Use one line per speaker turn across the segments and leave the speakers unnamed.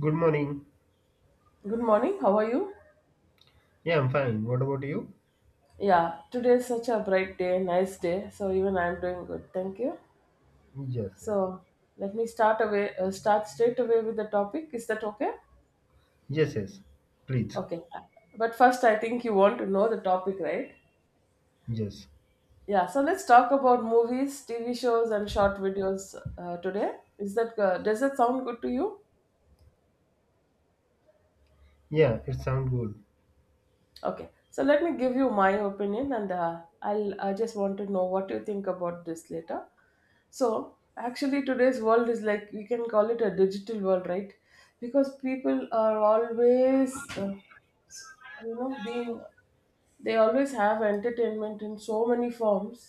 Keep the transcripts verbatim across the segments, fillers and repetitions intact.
Good morning.
Good morning. How are you?
Yeah, I'm fine. What about you?
Yeah, today is such a bright day, nice day. So even I'm doing good. Thank you.
Yes, yes.
So let me start away. Uh, start straight away with the topic. Is that okay?
Yes, yes. Please.
Okay. But first, I think you want to know the topic, right?
Yes.
Yeah. So let's talk about movies, T V shows, and short videos uh, today. Is that uh, does that sound good to you?
Yeah, it sounds good.
Okay, so let me give you my opinion, and uh, I'll I just want to know what you think about this later. So actually, today's world is like we can call it a digital world, right? Because people are always uh, you know being they always have entertainment in so many forms,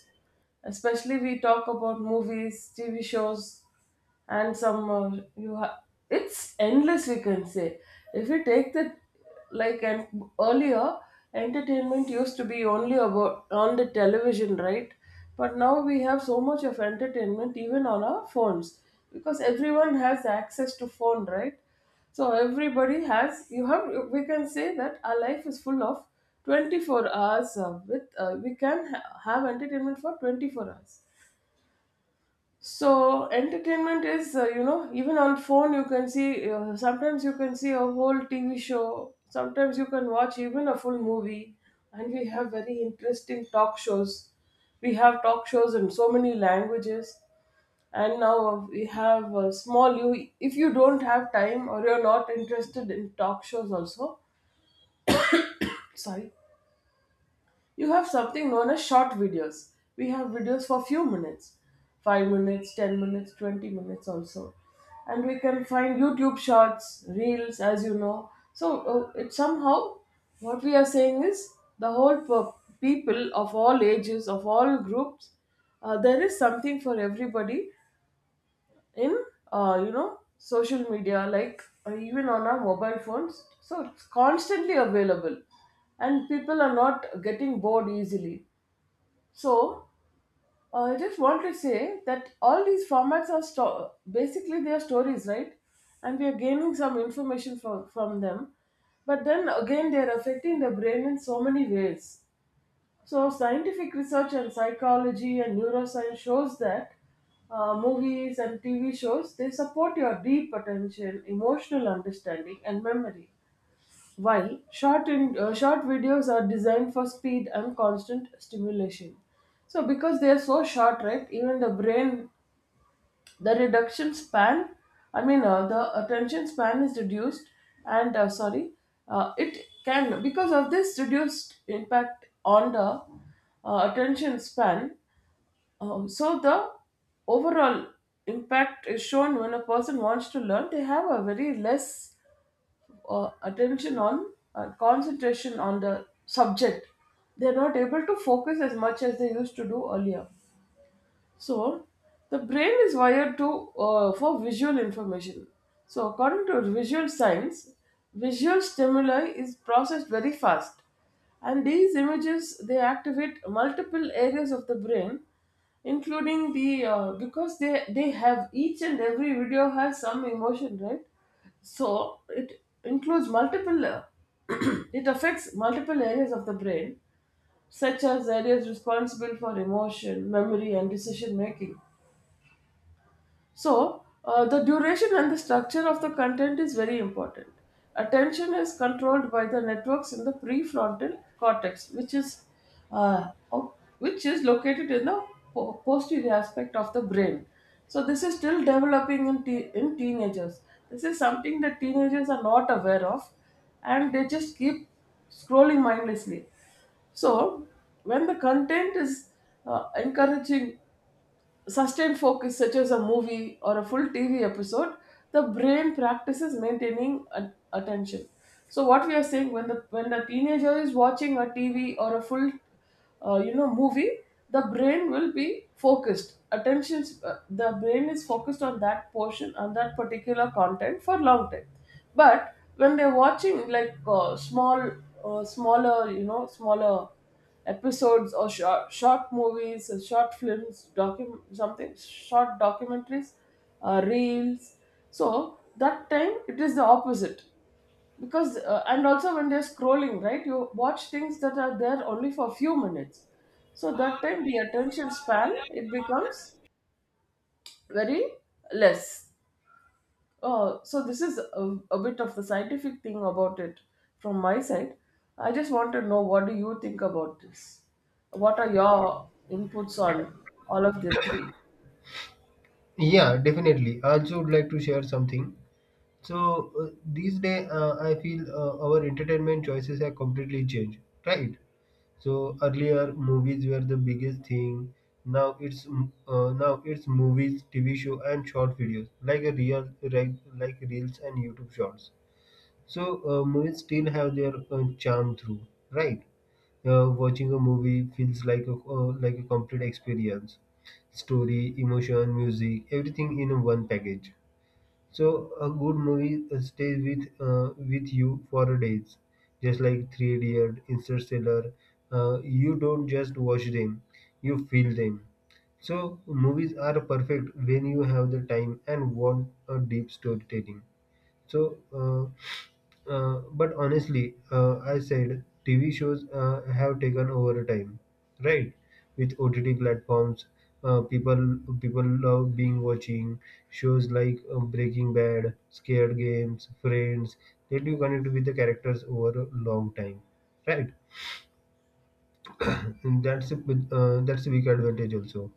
especially we talk about movies, TV shows and some uh, you ha- it's endless we can say. If you take the, like and earlier entertainment used to be only about on the television, right? But now we have so much of entertainment even on our phones, because everyone has access to phone, right? So everybody has you have, we can say that our life is full of twenty-four hours uh, with, uh, we can ha- have entertainment for twenty-four hours. So entertainment is, uh, you know even on phone you can see, uh, sometimes you can see a whole TV show, sometimes you can watch even a full movie. And we have very interesting talk shows, we have talk shows in so many languages. And now we have uh, small, you, if you don't have time or you're not interested in talk shows also, sorry, you have something known as short videos. We have videos for few minutes, five minutes, ten minutes, twenty minutes also. And we can find YouTube shorts, reels, as you know. So uh, it somehow, what we are saying is the whole per- people of all ages, of all groups, uh, there is something for everybody in, uh, you know social media, like, uh, even on our mobile phones. So it's constantly available and people are not getting bored easily. So uh, I just want to say that all these formats are sto- basically they are stories, right? And we are gaining some information from from them, but then again they are affecting the brain in so many ways. So scientific research and psychology and neuroscience shows that uh, movies and T V shows, they support your deep attention, emotional understanding, and memory. While short in, uh, short videos are designed for speed and constant stimulation. So because they are so short, right? Even the brain, the reduction span, I mean, uh, the attention span is reduced, and uh, sorry, uh, it can, because of this, reduced impact on the, uh, attention span. Uh, so the overall impact is shown when a person wants to learn. They have a very less, uh, attention on, uh, concentration on the subject, they are not able to focus as much as they used to do earlier. So the brain is wired to, uh, for visual information. So, according to visual science, visual stimuli is processed very fast, and these images, they activate multiple areas of the brain, including the, uh, because they they have, each and every video has some emotion, right? So it includes multiple, uh, it affects multiple areas of the brain, such as areas responsible for emotion, memory, and decision making. So, uh, the duration and the structure of the content is very important. Attention is controlled by the networks in the prefrontal cortex, which is, uh, o- which is located in the po- posterior aspect of the brain. So, this is still developing in te- in teenagers. This is something that teenagers are not aware of, and they just keep scrolling mindlessly. So, when the content is, uh, encouraging sustained focus, such as a movie or a full T V episode, the brain practices maintaining a- attention. So what we are saying, when the when the teenager is watching a T V or a full, uh, you know, movie, the brain will be focused. Attention, uh, the brain is focused on that portion, on that particular content for long time. But when they're watching like, uh, small, uh, smaller, you know, smaller episodes or short, short movies, uh, short films, docu- something, short documentaries, uh, reels. So that time it is the opposite, because, uh, and also when they're scrolling, right, you watch things that are there only for a few minutes. So that time the attention span, it becomes very less. Oh, so this is a, a bit of the scientific thing about it from my side. I just want to know, what do you think about this? What are your inputs on all of the three?
Yeah, definitely. I also would like to share something. So uh, these days, uh, I feel uh, our entertainment choices have completely changed, right? So earlier movies were the biggest thing. Now it's mm, uh, now it's movies, T V show, and short videos like a real like, like reels and YouTube shorts. So uh, movies still have their uh, charm through, right? Uh, watching a movie feels like a uh, like a complete experience, story, emotion, music, everything in one package. So a good movie uh, stays with uh, with you for days, just like Three Idiot, Interstellar. Uh, you don't just watch them, you feel them. So movies are perfect when you have the time and want a deep storytelling. So, uh, uh, but honestly, uh, I said T V shows uh, have taken over time, right? With O T T platforms, uh, people people love being watching shows like uh, Breaking Bad, Scared Games, Friends. Let you connect with the characters over a long time, right? that's a, uh, that's a big advantage also.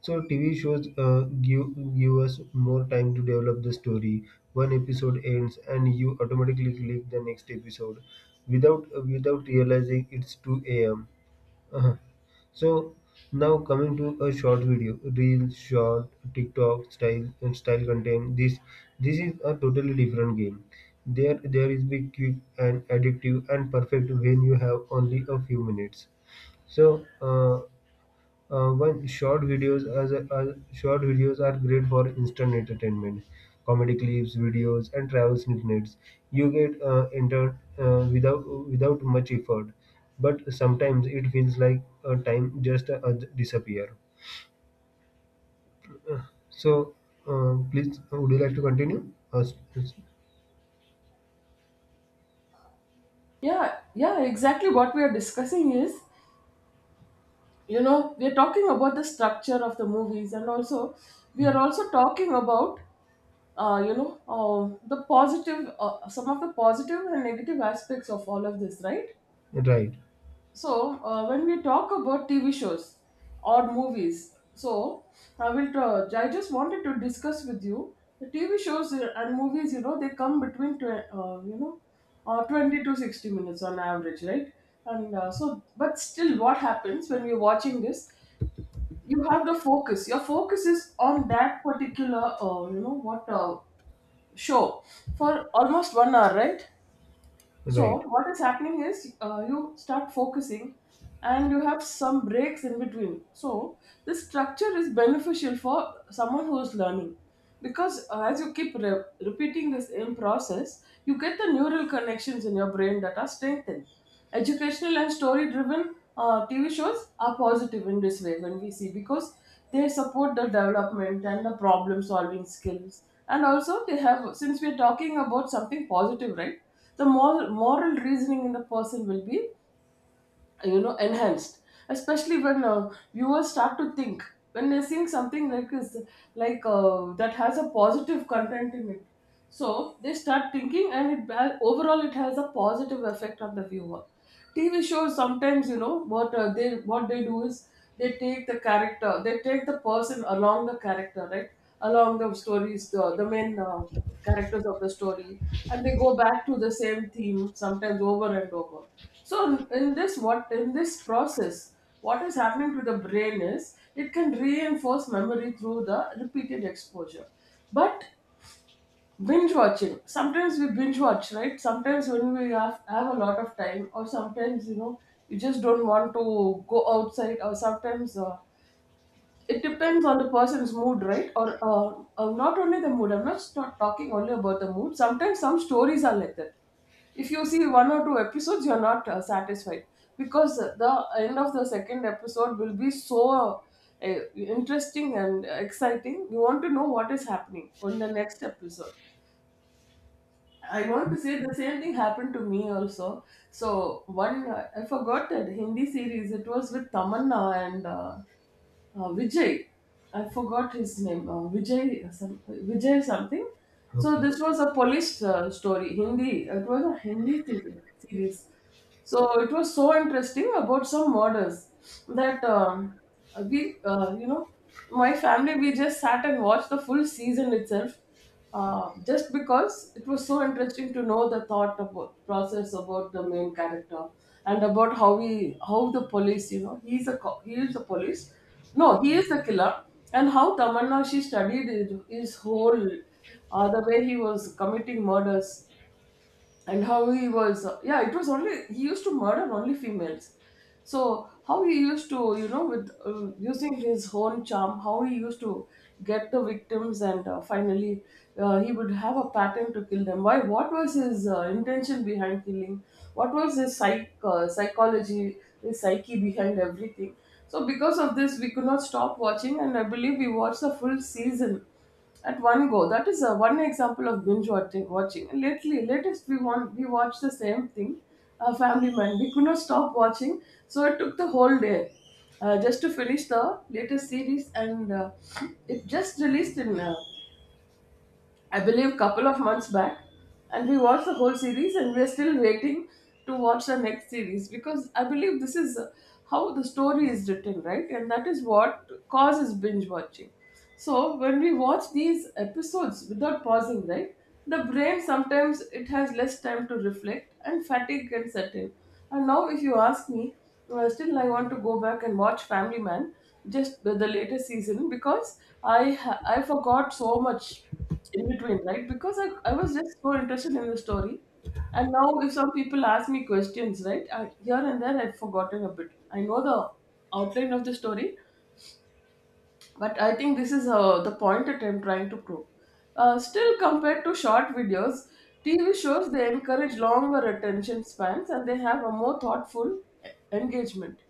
So T V shows uh, give give us more time to develop the story. One episode ends, and you automatically click the next episode, without uh, without realizing it's two a m uh So now coming to a short video, real short TikTok style and style content. This this is a totally different game. There there is be quick and addictive and perfect when you have only a few minutes. So, uh, uh, one short videos as a, as short videos are great for instant entertainment, comedy clips, videos, and travel snippets. You get uh, entered uh, without without much effort, but sometimes it feels like uh, time just uh, disappear. So, uh, please, would you like to continue? Uh, s- s-
Yeah, yeah, exactly, what we are discussing is, you know, we are talking about the structure of the movies, and also we are also talking about, uh, you know, uh, the positive, uh, some of the positive and negative aspects of all of this, right?
right.
So uh, when we talk about TV shows or movies, so i will try, I just wanted to discuss with you the TV shows and movies. You know, they come between tw- uh, you know uh, twenty to sixty minutes on average, right? And uh, so but still what happens when you're watching this, you have the focus, your focus is on that particular, uh, you know what uh, show for almost one hour, right? So
Right.
what is happening is, uh, you start focusing and you have some breaks in between. So this structure is beneficial for someone who is learning, because, uh, as you keep re- repeating the same process, you get the neural connections in your brain that are strengthened. Educational and story driven, uh, T V shows are positive in this way when we see, because they support the development and the problem solving skills. And also, they have, since we're talking about something positive, right? The moral, moral reasoning in the person will be, you know enhanced, especially when, uh, viewers start to think when they're seeing something like is, like, uh, that has a positive content in it. So they start thinking, and it ba- overall it has a positive effect on the viewer. TV shows sometimes, you know what, uh, they, what they do is they take the character, they take the person along the character, right? Along the stories, the, the main, uh, characters of the story, and they go back to the same theme sometimes over and over. So in in this what in this process, what is happening to the brain is, it can reinforce memory through the repeated exposure. But binge watching, sometimes we binge watch, right? Sometimes when we have, have a lot of time, or sometimes, you know, you just don't want to go outside, or sometimes, uh, it depends on the person's mood, right? Or, uh, uh, not only the mood. I'm not not talking only about the mood. Sometimes some stories are like that. If you see one or two episodes, you're not, uh, satisfied, because the end of the second episode will be so, uh, interesting and exciting. You want to know what is happening on the next episode. I want to say the same thing happened to me also. So one, uh, I forgot that Hindi series. It was with Tamanna and. Uh, uh, Vijay. I forgot his name. Uh, Vijay, some, Vijay something. So
Okay.
this was a Polish, uh, story, Hindi. It was a Hindi series. So it was so interesting about some murders that, um, we, uh, you know, my family, we just sat and watched the full season itself, uh, just because it was so interesting to know the thought about process about the main character, and about how he, how the police, you know, he's a, co- he is the police. No, he is the killer. And how Tamanna, she studied his, his whole, uh, the way he was committing murders. And how he was, yeah, it was only, he used to murder only females. So how he used to, you know, with, uh, using his own charm, how he used to get the victims. And uh, finally, uh, he would have a pattern to kill them. Why, what was his, uh, intention behind killing, what was his psych uh, psychology, his psyche behind everything. So because of this we could not stop watching, and I believe we watched the full season at one go. That is, uh, one example of binge watching. Watching lately, latest, we want we watched the same thing, uh, Family Man. We could not stop watching, so it took the whole day uh, just to finish the latest series, and uh, it just released in uh, I believe, couple of months back, and we watched the whole series, and we are still waiting to watch the next series because I believe this is uh, how the story is written, right? And that is what causes binge watching. So when we watch these episodes without pausing, right, the brain sometimes it has less time to reflect, and fatigue can set in. And now, if you ask me, uh, still I want to go back and watch Family Man, just the the latest season because I ha- I forgot so much in between, right? Because I, I was just so interested in the story. And now, if some people ask me questions, right, I, here and there I've forgotten a bit. I know the outline of the story, but I think this is uh, the point that I'm trying to prove. Uh, still, compared to short videos, T V shows they encourage longer attention spans and they have a more thoughtful e- engagement.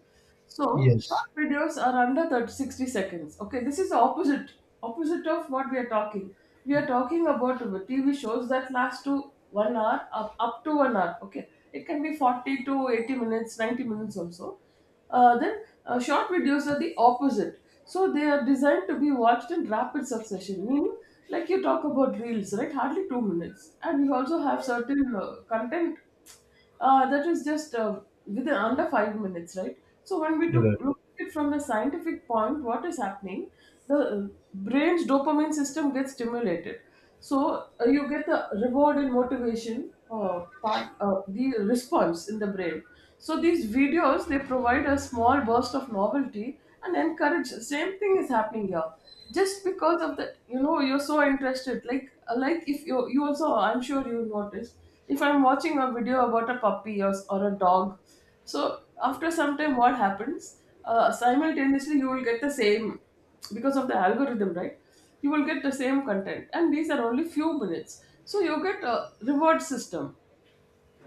So
Yes.
short videos are under thirty sixty seconds. Okay, this is the opposite opposite of what we are talking. We are talking about T V shows that last to one hour up, up to one hour. Okay, it can be forty to eighty minutes, ninety minutes also. Uh, then uh, Short videos are the opposite. So they are designed to be watched in rapid succession, meaning like you talk about reels, right? Hardly two minutes, and we also have certain uh, content uh, that is just uh, within under five minutes, right? So when we took
Right.
look at it from the scientific point, what is happening? The uh, brain's dopamine system gets stimulated, so uh, you get the reward and motivation uh, part, uh, the response in the brain. So these videos they provide a small burst of novelty and encourage. Same thing is happening here. Just because of that, you know, you're so interested. Like, like if you you also, I'm sure you noticed if I'm watching a video about a puppy or, or a dog, so after some time, what happens? Uh, simultaneously, you will get the same because of the algorithm, right? You will get the same content, and these are only few minutes. So you get a reward system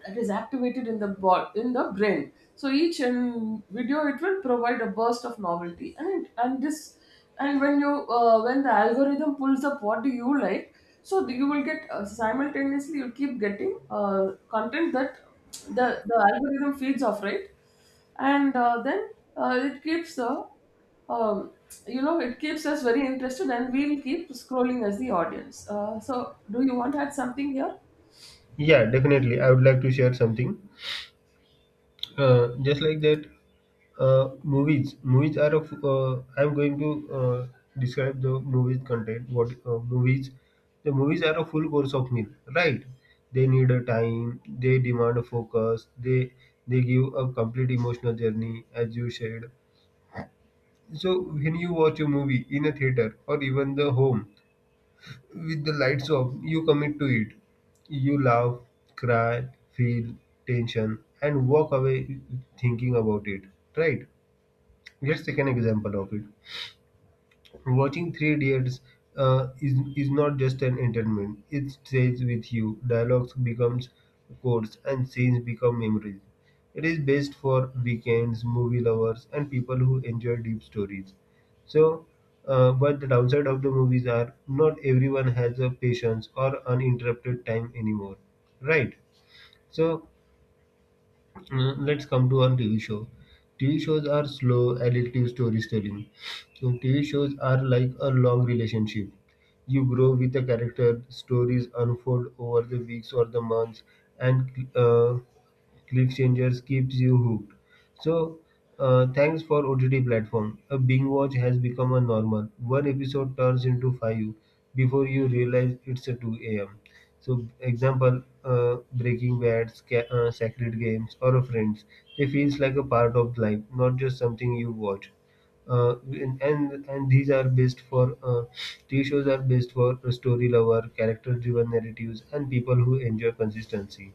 that is activated in the bo- in the brain. So each um, video it will provide a burst of novelty, and it, and this and when you uh, when the algorithm pulls up what do you like, so you will get uh, simultaneously you keep getting uh, content that the the algorithm feeds off, right, and uh, then uh, it keeps the um, you know it keeps us very interested, and we'll keep scrolling as the audience. Uh, so do you want to add something here?
Yeah, definitely. I would like to share something. Uh, just like that, Uh, movies. Movies are of. Uh, I'm going to uh, describe the movies content. What uh, movies? The movies are a full course of meal, right? They need a time. They demand a focus. They they give a complete emotional journey, as you said. So when you watch a movie in a theater or even the home with the lights off, you commit to it. You laugh, cry, feel tension, and walk away thinking about it, right? Let's take an example of it. Watching Three Idiots uh, is is not just an entertainment; it stays with you. Dialogues becomes quotes, and scenes become memories. It is best for weekends, movie lovers, and people who enjoy deep stories. So, uh, but the downside of the movies are not everyone has a patience or uninterrupted time anymore, right? So uh, let's come to on T V show. T V shows are slow, addictive storytelling. So T V shows are like a long relationship. You grow with a character, stories unfold over the weeks or the months, and uh, cliffhangers keeps you hooked. So, uh, thanks for O T T platform. A binge watch has become a normal. One episode turns into five before you realize it's a two a m. So, example, uh, Breaking Bad, Sca- uh, Sacred Games, or Friends. They feels like a part of life, not just something you watch. Uh, and, and and these are based for uh, T V shows are based for story lover, character-driven narratives, and people who enjoy consistency.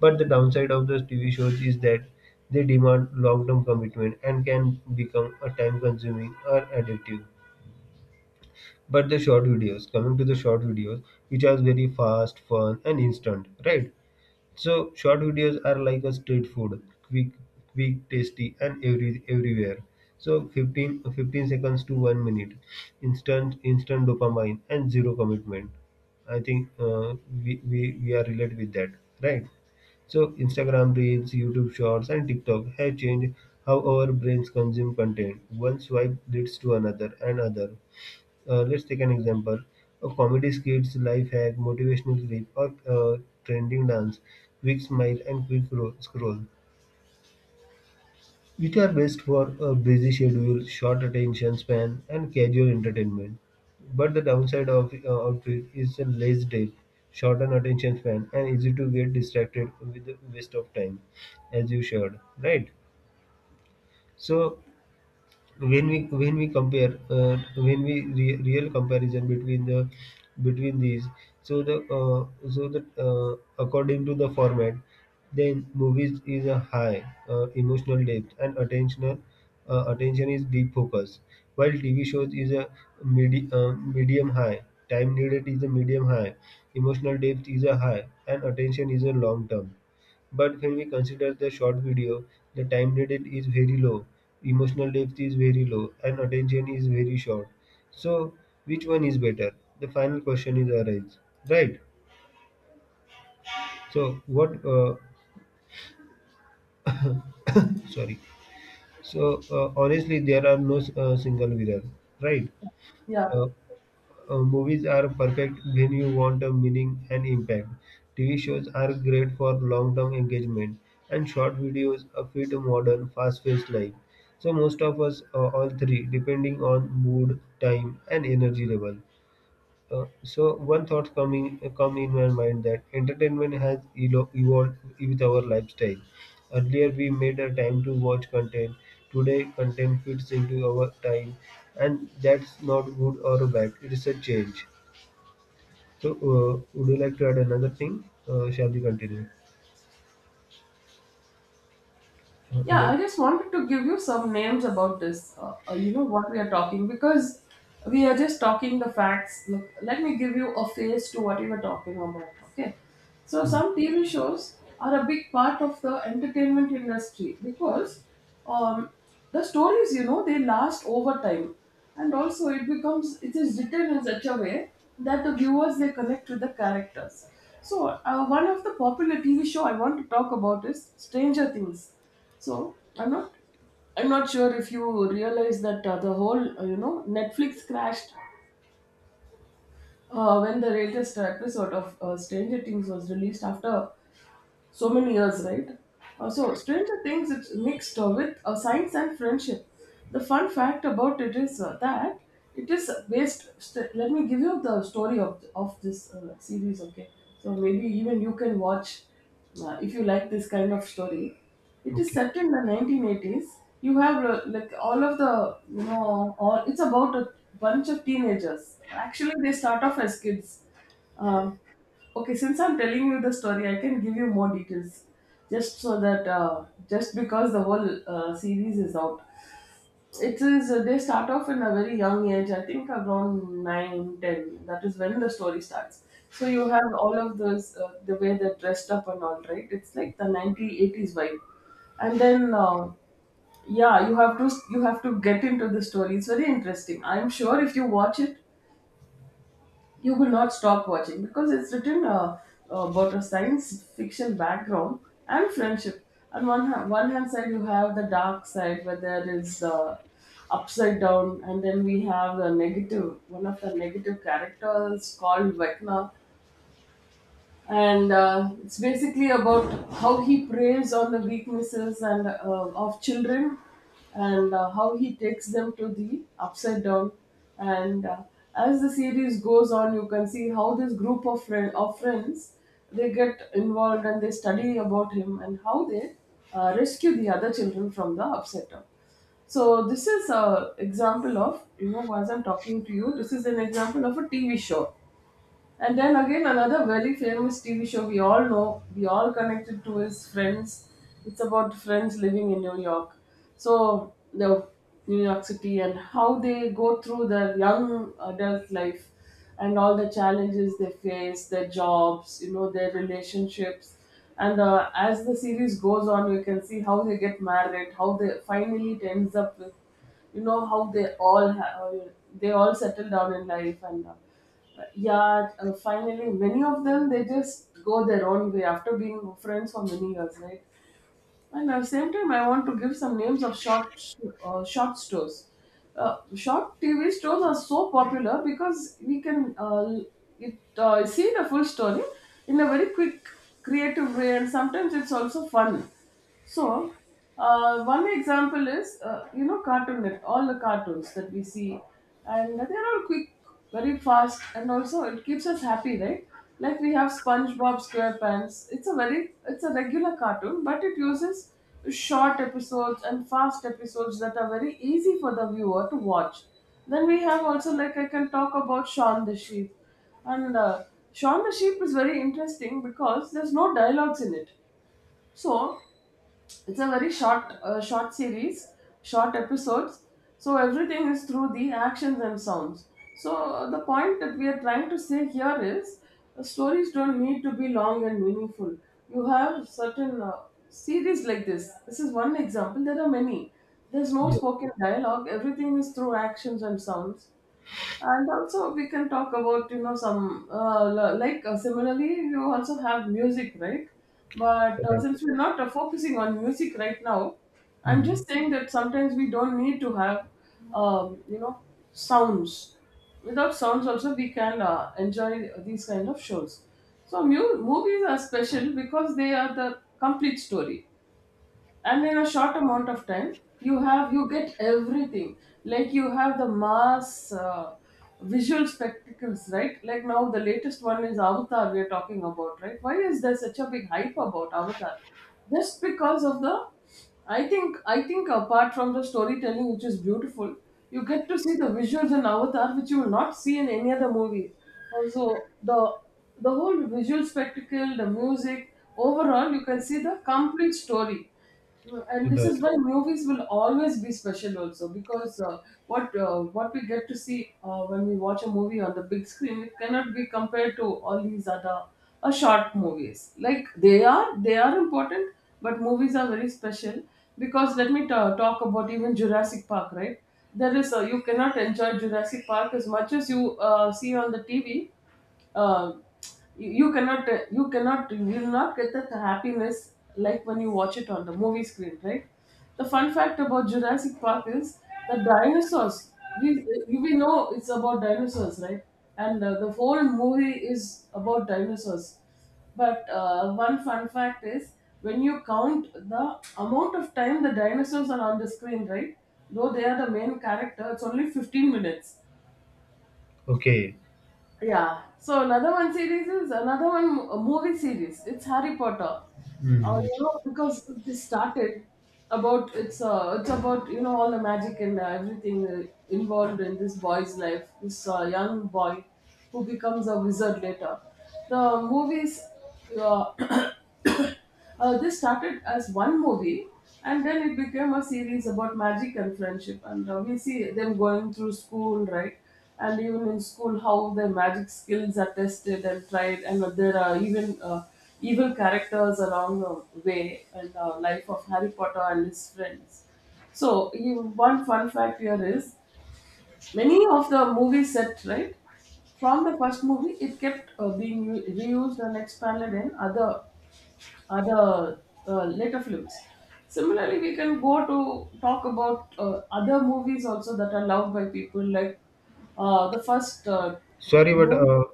But the downside of those T V shows is that they demand long-term commitment and can become a time-consuming or addictive. But the short videos coming to the short videos, which are very fast, fun, and instant, right? So short videos are like a street food, quick quick tasty and every everywhere. So fifteen, fifteen seconds to 1 minute, instant instant dopamine and zero commitment. I think uh, we, we we are related with that, right? So Instagram Reels, YouTube Shorts, and TikTok have changed how our brains consume content. One swipe leads to another and other. Uh, let's take an example. A comedy skits, life hack, motivational clip, or uh, trending dance, quick smile, and quick ro- scroll, which are best for a busy schedule, short attention span, and casual entertainment. But the downside of uh, outfit is a less depth, shortened attention span, and easy to get distracted with the waste of time, as you shared, right? So when we when we compare uh, when we re- real comparison between the between these. So the uh, so the uh, according to the format, then movies is a high uh, emotional depth and attentional uh, attention is deep focus, while TV shows is a medi- uh, medium high, time needed is a medium high, emotional depth is a high and attention is a long term. But when we consider the short video, the time needed is very low, emotional depth is very low, and attention is very short. So, which one is better? The final question is arise, right? So, what? Uh, sorry. So, uh, honestly, there are no uh, single winner, right?
Yeah.
Uh, Uh, movies are perfect when you want a meaning and impact. T V shows are great for long term engagement, and short videos uh, fit a modern, fast paced life. So, most of us, uh, all three, depending on mood, time, and energy level. Uh, so, one thought coming come in my mind that entertainment has elo- evolved with our lifestyle. Earlier, we made a time to watch content. Today, content fits into our time, and that's not good or bad. It is a change. So, uh, would you like to add another thing? Uh, shall we continue? Uh,
Yeah,
hello.
I just wanted to give you some names about this. Uh, uh, you know what we are talking because we are just talking the facts. Look, let me give you a face to what we were talking about. Okay, so
Hmm.
some T V shows are a big part of the entertainment industry because um, the stories, you know, they last over time, and also it becomes it is written in such a way that the viewers they connect with the characters. So uh, one of the popular T V show I want to talk about is Stranger Things, so I'm not I'm not sure if you realize that uh, the whole uh, you know Netflix crashed uh, when the latest episode of uh, Stranger Things was released after so many years, right? Uh, so Stranger Things it's mixed uh, with uh, science and friendship. The fun fact about it is uh, that it is based. St- let me give you the story of of this uh, series. Okay, so maybe even you can watch uh, if you like this kind of story. It is
Okay.
set in the nineteen eighties. You have uh, like all of the, you know, all. It's about a bunch of teenagers. Actually, they start off as kids. Um, Okay, since I'm telling you the story, I can give you more details. Just so that, uh, just because the whole uh, series is out. It is, uh, they start off in a very young age, I think around nine, ten. That is when the story starts. So you have all of those, uh, the way they're dressed up and all, right? It's like the nineties, eighties vibe. And then, uh, yeah, you have to you have to get into the story. It's very interesting. I'm sure if you watch it, you will not stop watching because it's written uh, uh, about a science fiction background and friendship. And one hand, one hand side, you have the dark side where there is the upside down, and then we have the negative. One of the negative characters called Vecna, and uh, it's basically about how he preys on the weaknesses and uh, of children and uh, how he takes them to the upside down and uh, as the series goes on you can see how this group of friend, of friends they get involved and they study about him and how they uh, rescue the other children from the upside down. So this is an example of, you know, as I'm talking to you, this is an example of a T V show. And then again, another very famous T V show we all know, we all connected to, is Friends. It's about friends living in New York. So the New York City and how they go through their young adult life and all the challenges they face, their jobs, you know, their relationships. And uh, as the series goes on, you can see how they get married, how they finally it ends up with, you know, how they all ha- uh, they all settle down in life and uh, yeah, uh, finally many of them they just go their own way after being friends for many years, right? And at the same time I want to give some names of short uh, short stores. Uh, short T V stores are so popular because we can, uh, it uh, see the full story in a very quick creative way and sometimes it's also fun. So uh, one example is, uh, you know, Cartoon Net, all the cartoons that we see, and they're all quick, very fast, and also it keeps us happy, right? Like we have SpongeBob SquarePants. It's a very, it's a regular cartoon, but it uses short episodes and fast episodes that are very easy for the viewer to watch. Then we have also, like, I can talk about Shaun the Sheep, and uh, Shaun the Sheep is very interesting because there's no dialogues in it. So it's a very short uh, short series, short episodes, so everything is through the actions and sounds. So uh, the point that we are trying to say here is uh, stories don't need to be long and meaningful. You have certain uh, series like this this is one example, there are many. There's no
Yeah.
spoken dialogue, everything is through actions and sounds. And also we can talk about, you know, some uh, li- like uh, similarly you also have music, right? But uh,
Right.
since we're not uh, focusing on music right now, I'm
Hmm.
just saying that sometimes we don't need to have um, you know sounds. Without sounds also we can uh, enjoy these kind of shows. So mu- movies are special because they are the complete story, and in a short amount of time you have you get everything. Like you have the mass uh, visual spectacles, right? Like now the latest one is Avatar we are talking about, right? Why is there such a big hype about Avatar? Just because of the, i think I think apart from the storytelling, which is beautiful, you get to see the visuals in Avatar which you will not see in any other movie. Also, the the whole visual spectacle, the music, overall you can see the complete story. No. And this
Right.
is why movies will always be special, also because, uh, what uh, what we get to see uh, when we watch a movie on the big screen, it cannot be compared to all these other uh, short movies. Like they are, they are important, but movies are very special because let me ta talk about even Jurassic Park, right? There is uh, you cannot enjoy Jurassic Park as much as you uh, see on the T V. uh, you, you cannot you cannot you will not get that happiness like when you watch it on the movie screen, right? The fun fact about Jurassic Park is the dinosaurs, we, you- we know it's about dinosaurs, right? And uh, the whole movie is about dinosaurs, but uh, one fun fact is when you count the amount of time the dinosaurs are on the screen, right, though they are the main character, it's only fifteen minutes.
Okay.
Yeah. So another one series is another one mo- movie series. It's Harry Potter. Uh, you know, because they started about, it's uh, it's about, you know, all the magic and uh, everything uh, involved in this boy's life. This uh, young boy who becomes a wizard later. The movies, uh, Uh, this started as one movie and then it became a series about magic and friendship. And uh, we see them going through school, right? And even in school, how their magic skills are tested and tried. And there are even uh, evil characters along the way in the life of Harry Potter and his friends. So, you, one fun fact here is many of the movie set, right? From the first movie, it kept uh, being re- reused and expanded in other other uh, later films. Similarly, we can go to talk about uh, other movies also that are loved by people, like uh, the first uh,
Sorry, but
movie,
uh,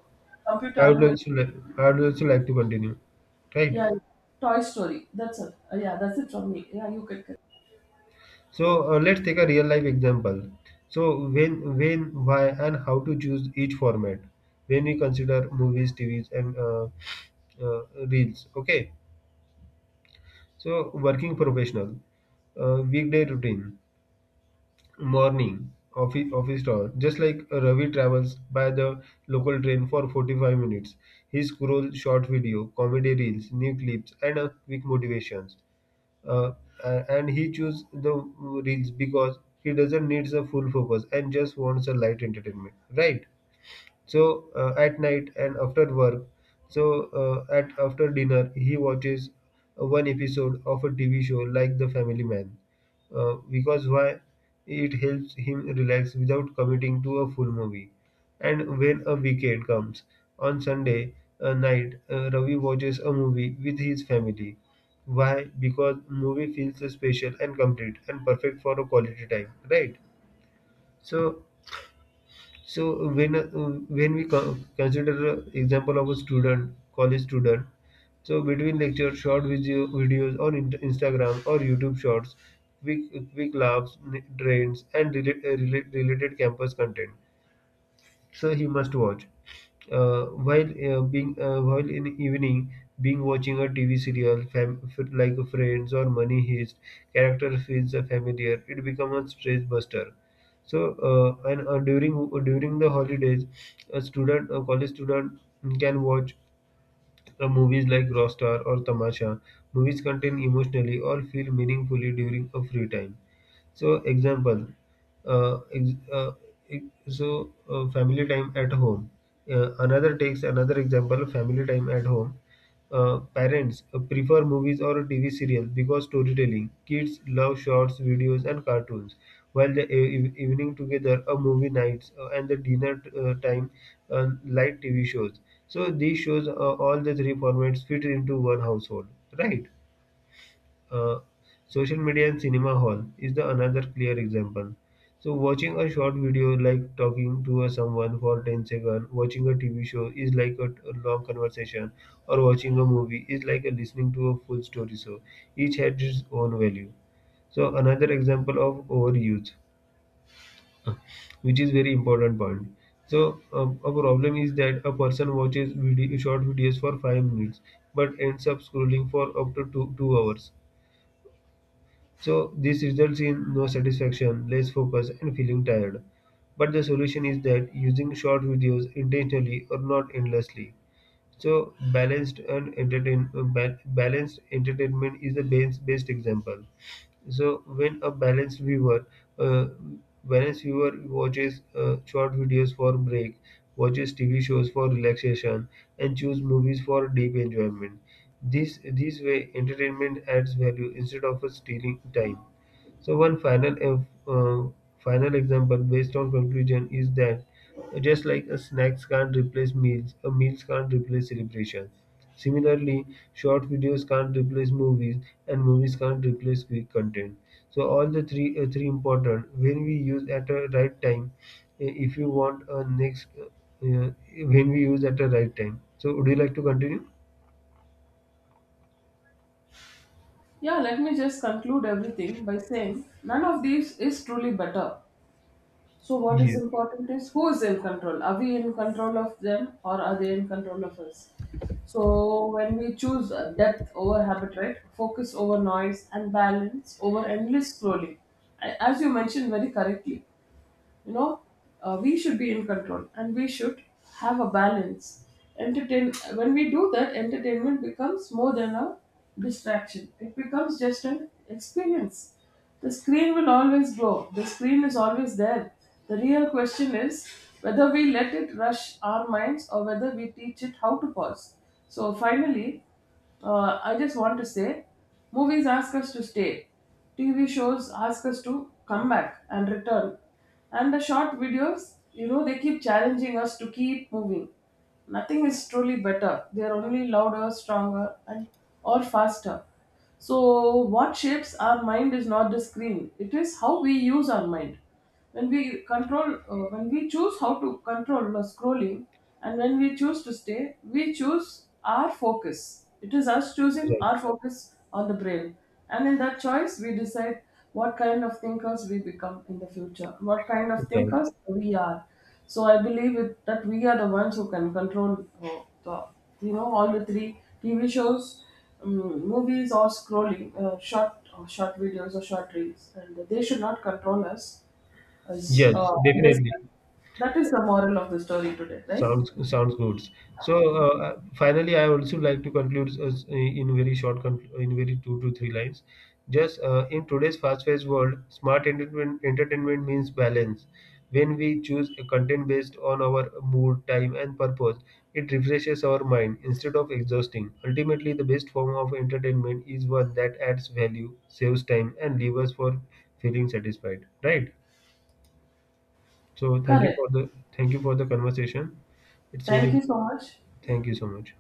computer
I would
animated,
also like I would also like to continue. Right.
yeah, Toy Story. That's it. Uh, yeah, that's it from me. Yeah, you can.
So uh, let's take a real life example. So when, when, why, and how to choose each format when we consider movies, T Vs, and uh, uh, reels. Okay. So working professional, uh, weekday routine. Morning office office tour, just like Ravi travels by the local train for forty-five minutes. He scrolls short video comedy reels, new clips and uh, quick motivations. Uh, a- and he chooses the reels because he doesn't need a full focus and just wants a light entertainment, right? So uh, at night and after work, so uh, at after dinner, he watches one episode of a T V show like The Family Man. Uh, because why? It helps him relax without committing to a full movie. And when a weekend comes on Sunday uh, night, uh, Ravi watches a movie with his family. Why? Because movie feels special and complete and perfect for a quality time, right? So so when uh, when we co- consider uh, example of a student, college student, so between lecture, short video videos on in- Instagram or YouTube Shorts, quick quick laughs, n- trends, and relate, uh, relate, related campus content, so he must watch. Uh, while uh, being uh, while in evening being watching a T V serial fam- f- like Friends or Money Heist, character feels uh, familiar. It becomes a stress buster. So uh, and uh, during during the holidays, a student, a college student can watch the movies like Rockstar or Tamasha, movies contain emotionally or feel meaningfully during a free time. So example, uh, ex- uh, ex- so uh, family time at home. Uh, another takes another example, family time at home. Uh, parents uh, prefer movies or T V serials because storytelling. Kids love shorts, videos, and cartoons. While the e- e-, evening together, a movie nights, uh, and the dinner uh, time, uh, light T V shows. So these shows, uh, all the three formats fit into one household, right? Uh, Social media and cinema hall is the another clear example. So watching a short video like talking to a someone for ten seconds, watching a T V show is like a, a long conversation, or watching a movie is like a listening to a full story. So each had its own value. So another example of overuse, which is very important point. So um, a problem is that a person watches video, short videos for five minutes, but ends up scrolling for up to two, two hours. So this results in no satisfaction, less focus, and feeling tired. But the solution is that using short videos intentionally or not endlessly. So balanced and entertain uh, ba- balanced entertainment is the best, best example. So when a balanced viewer, uh, balanced viewer watches uh, short videos for break, watches T V shows for relaxation, and choose movies for deep enjoyment. This this way entertainment adds value instead of uh, stealing time. So one final ev- uh, final example based on conclusion is that just like a snacks can't replace meals, a meals can't replace celebration. Similarly, short videos can't replace movies, and movies can't replace quick content. So all the three uh, three important when we use at a right time. Uh, If you want a next uh, uh, when we use at a right time. So would you like to continue?
Yeah, let me just conclude everything by saying none of these is truly better. So, what is
Yeah.
important is who is in control? Are we in control of them or are they in control of us? So, when we choose uh, depth over habit, right? Focus over noise and balance over endless scrolling. A- As you mentioned very correctly, you know, uh, we should be in control and we should have a balance entertain. When we do that, entertainment becomes more than a distraction, it becomes just an experience. The screen will always grow, the screen is always there. The real question is whether we let it rush our minds or whether we teach it how to pause. So finally, uh, I just want to say movies ask us to stay. T V shows ask us to come back and return. And the short videos, you know, they keep challenging us to keep moving. Nothing is truly better. They are only louder, stronger, and or faster. So, what shapes our mind is not the screen, it is how we use our mind. When we control uh, when we choose how to control the scrolling, and when we choose to stay, we choose our focus. It is us choosing
Right.
our focus on the brain. And in that choice we decide what kind of thinkers we become in the future, what kind of
Right.
thinkers we are. So I believe it, that we are the ones who can control uh, the, you know, all the three: TV shows, um, movies, or scrolling, uh, short or short videos or short reels, and they should not control us. As uh,
Yes,
I guess
definitely.
that is the moral of the story today, right?
Sounds sounds good. So uh, uh, finally, I also like to conclude us in very short, con- in very two to three lines. Just uh, in today's fast-paced world, smart entertainment entertainment means balance. When we choose a content based on our mood, time, and purpose, it refreshes our mind instead of exhausting. Ultimately, the best form of entertainment is one that adds value, saves time, and leaves us for feeling satisfied. Right. So thank you for
Correct.
the thank you for the conversation. It's
Thank
very
you so much.
Thank you so much.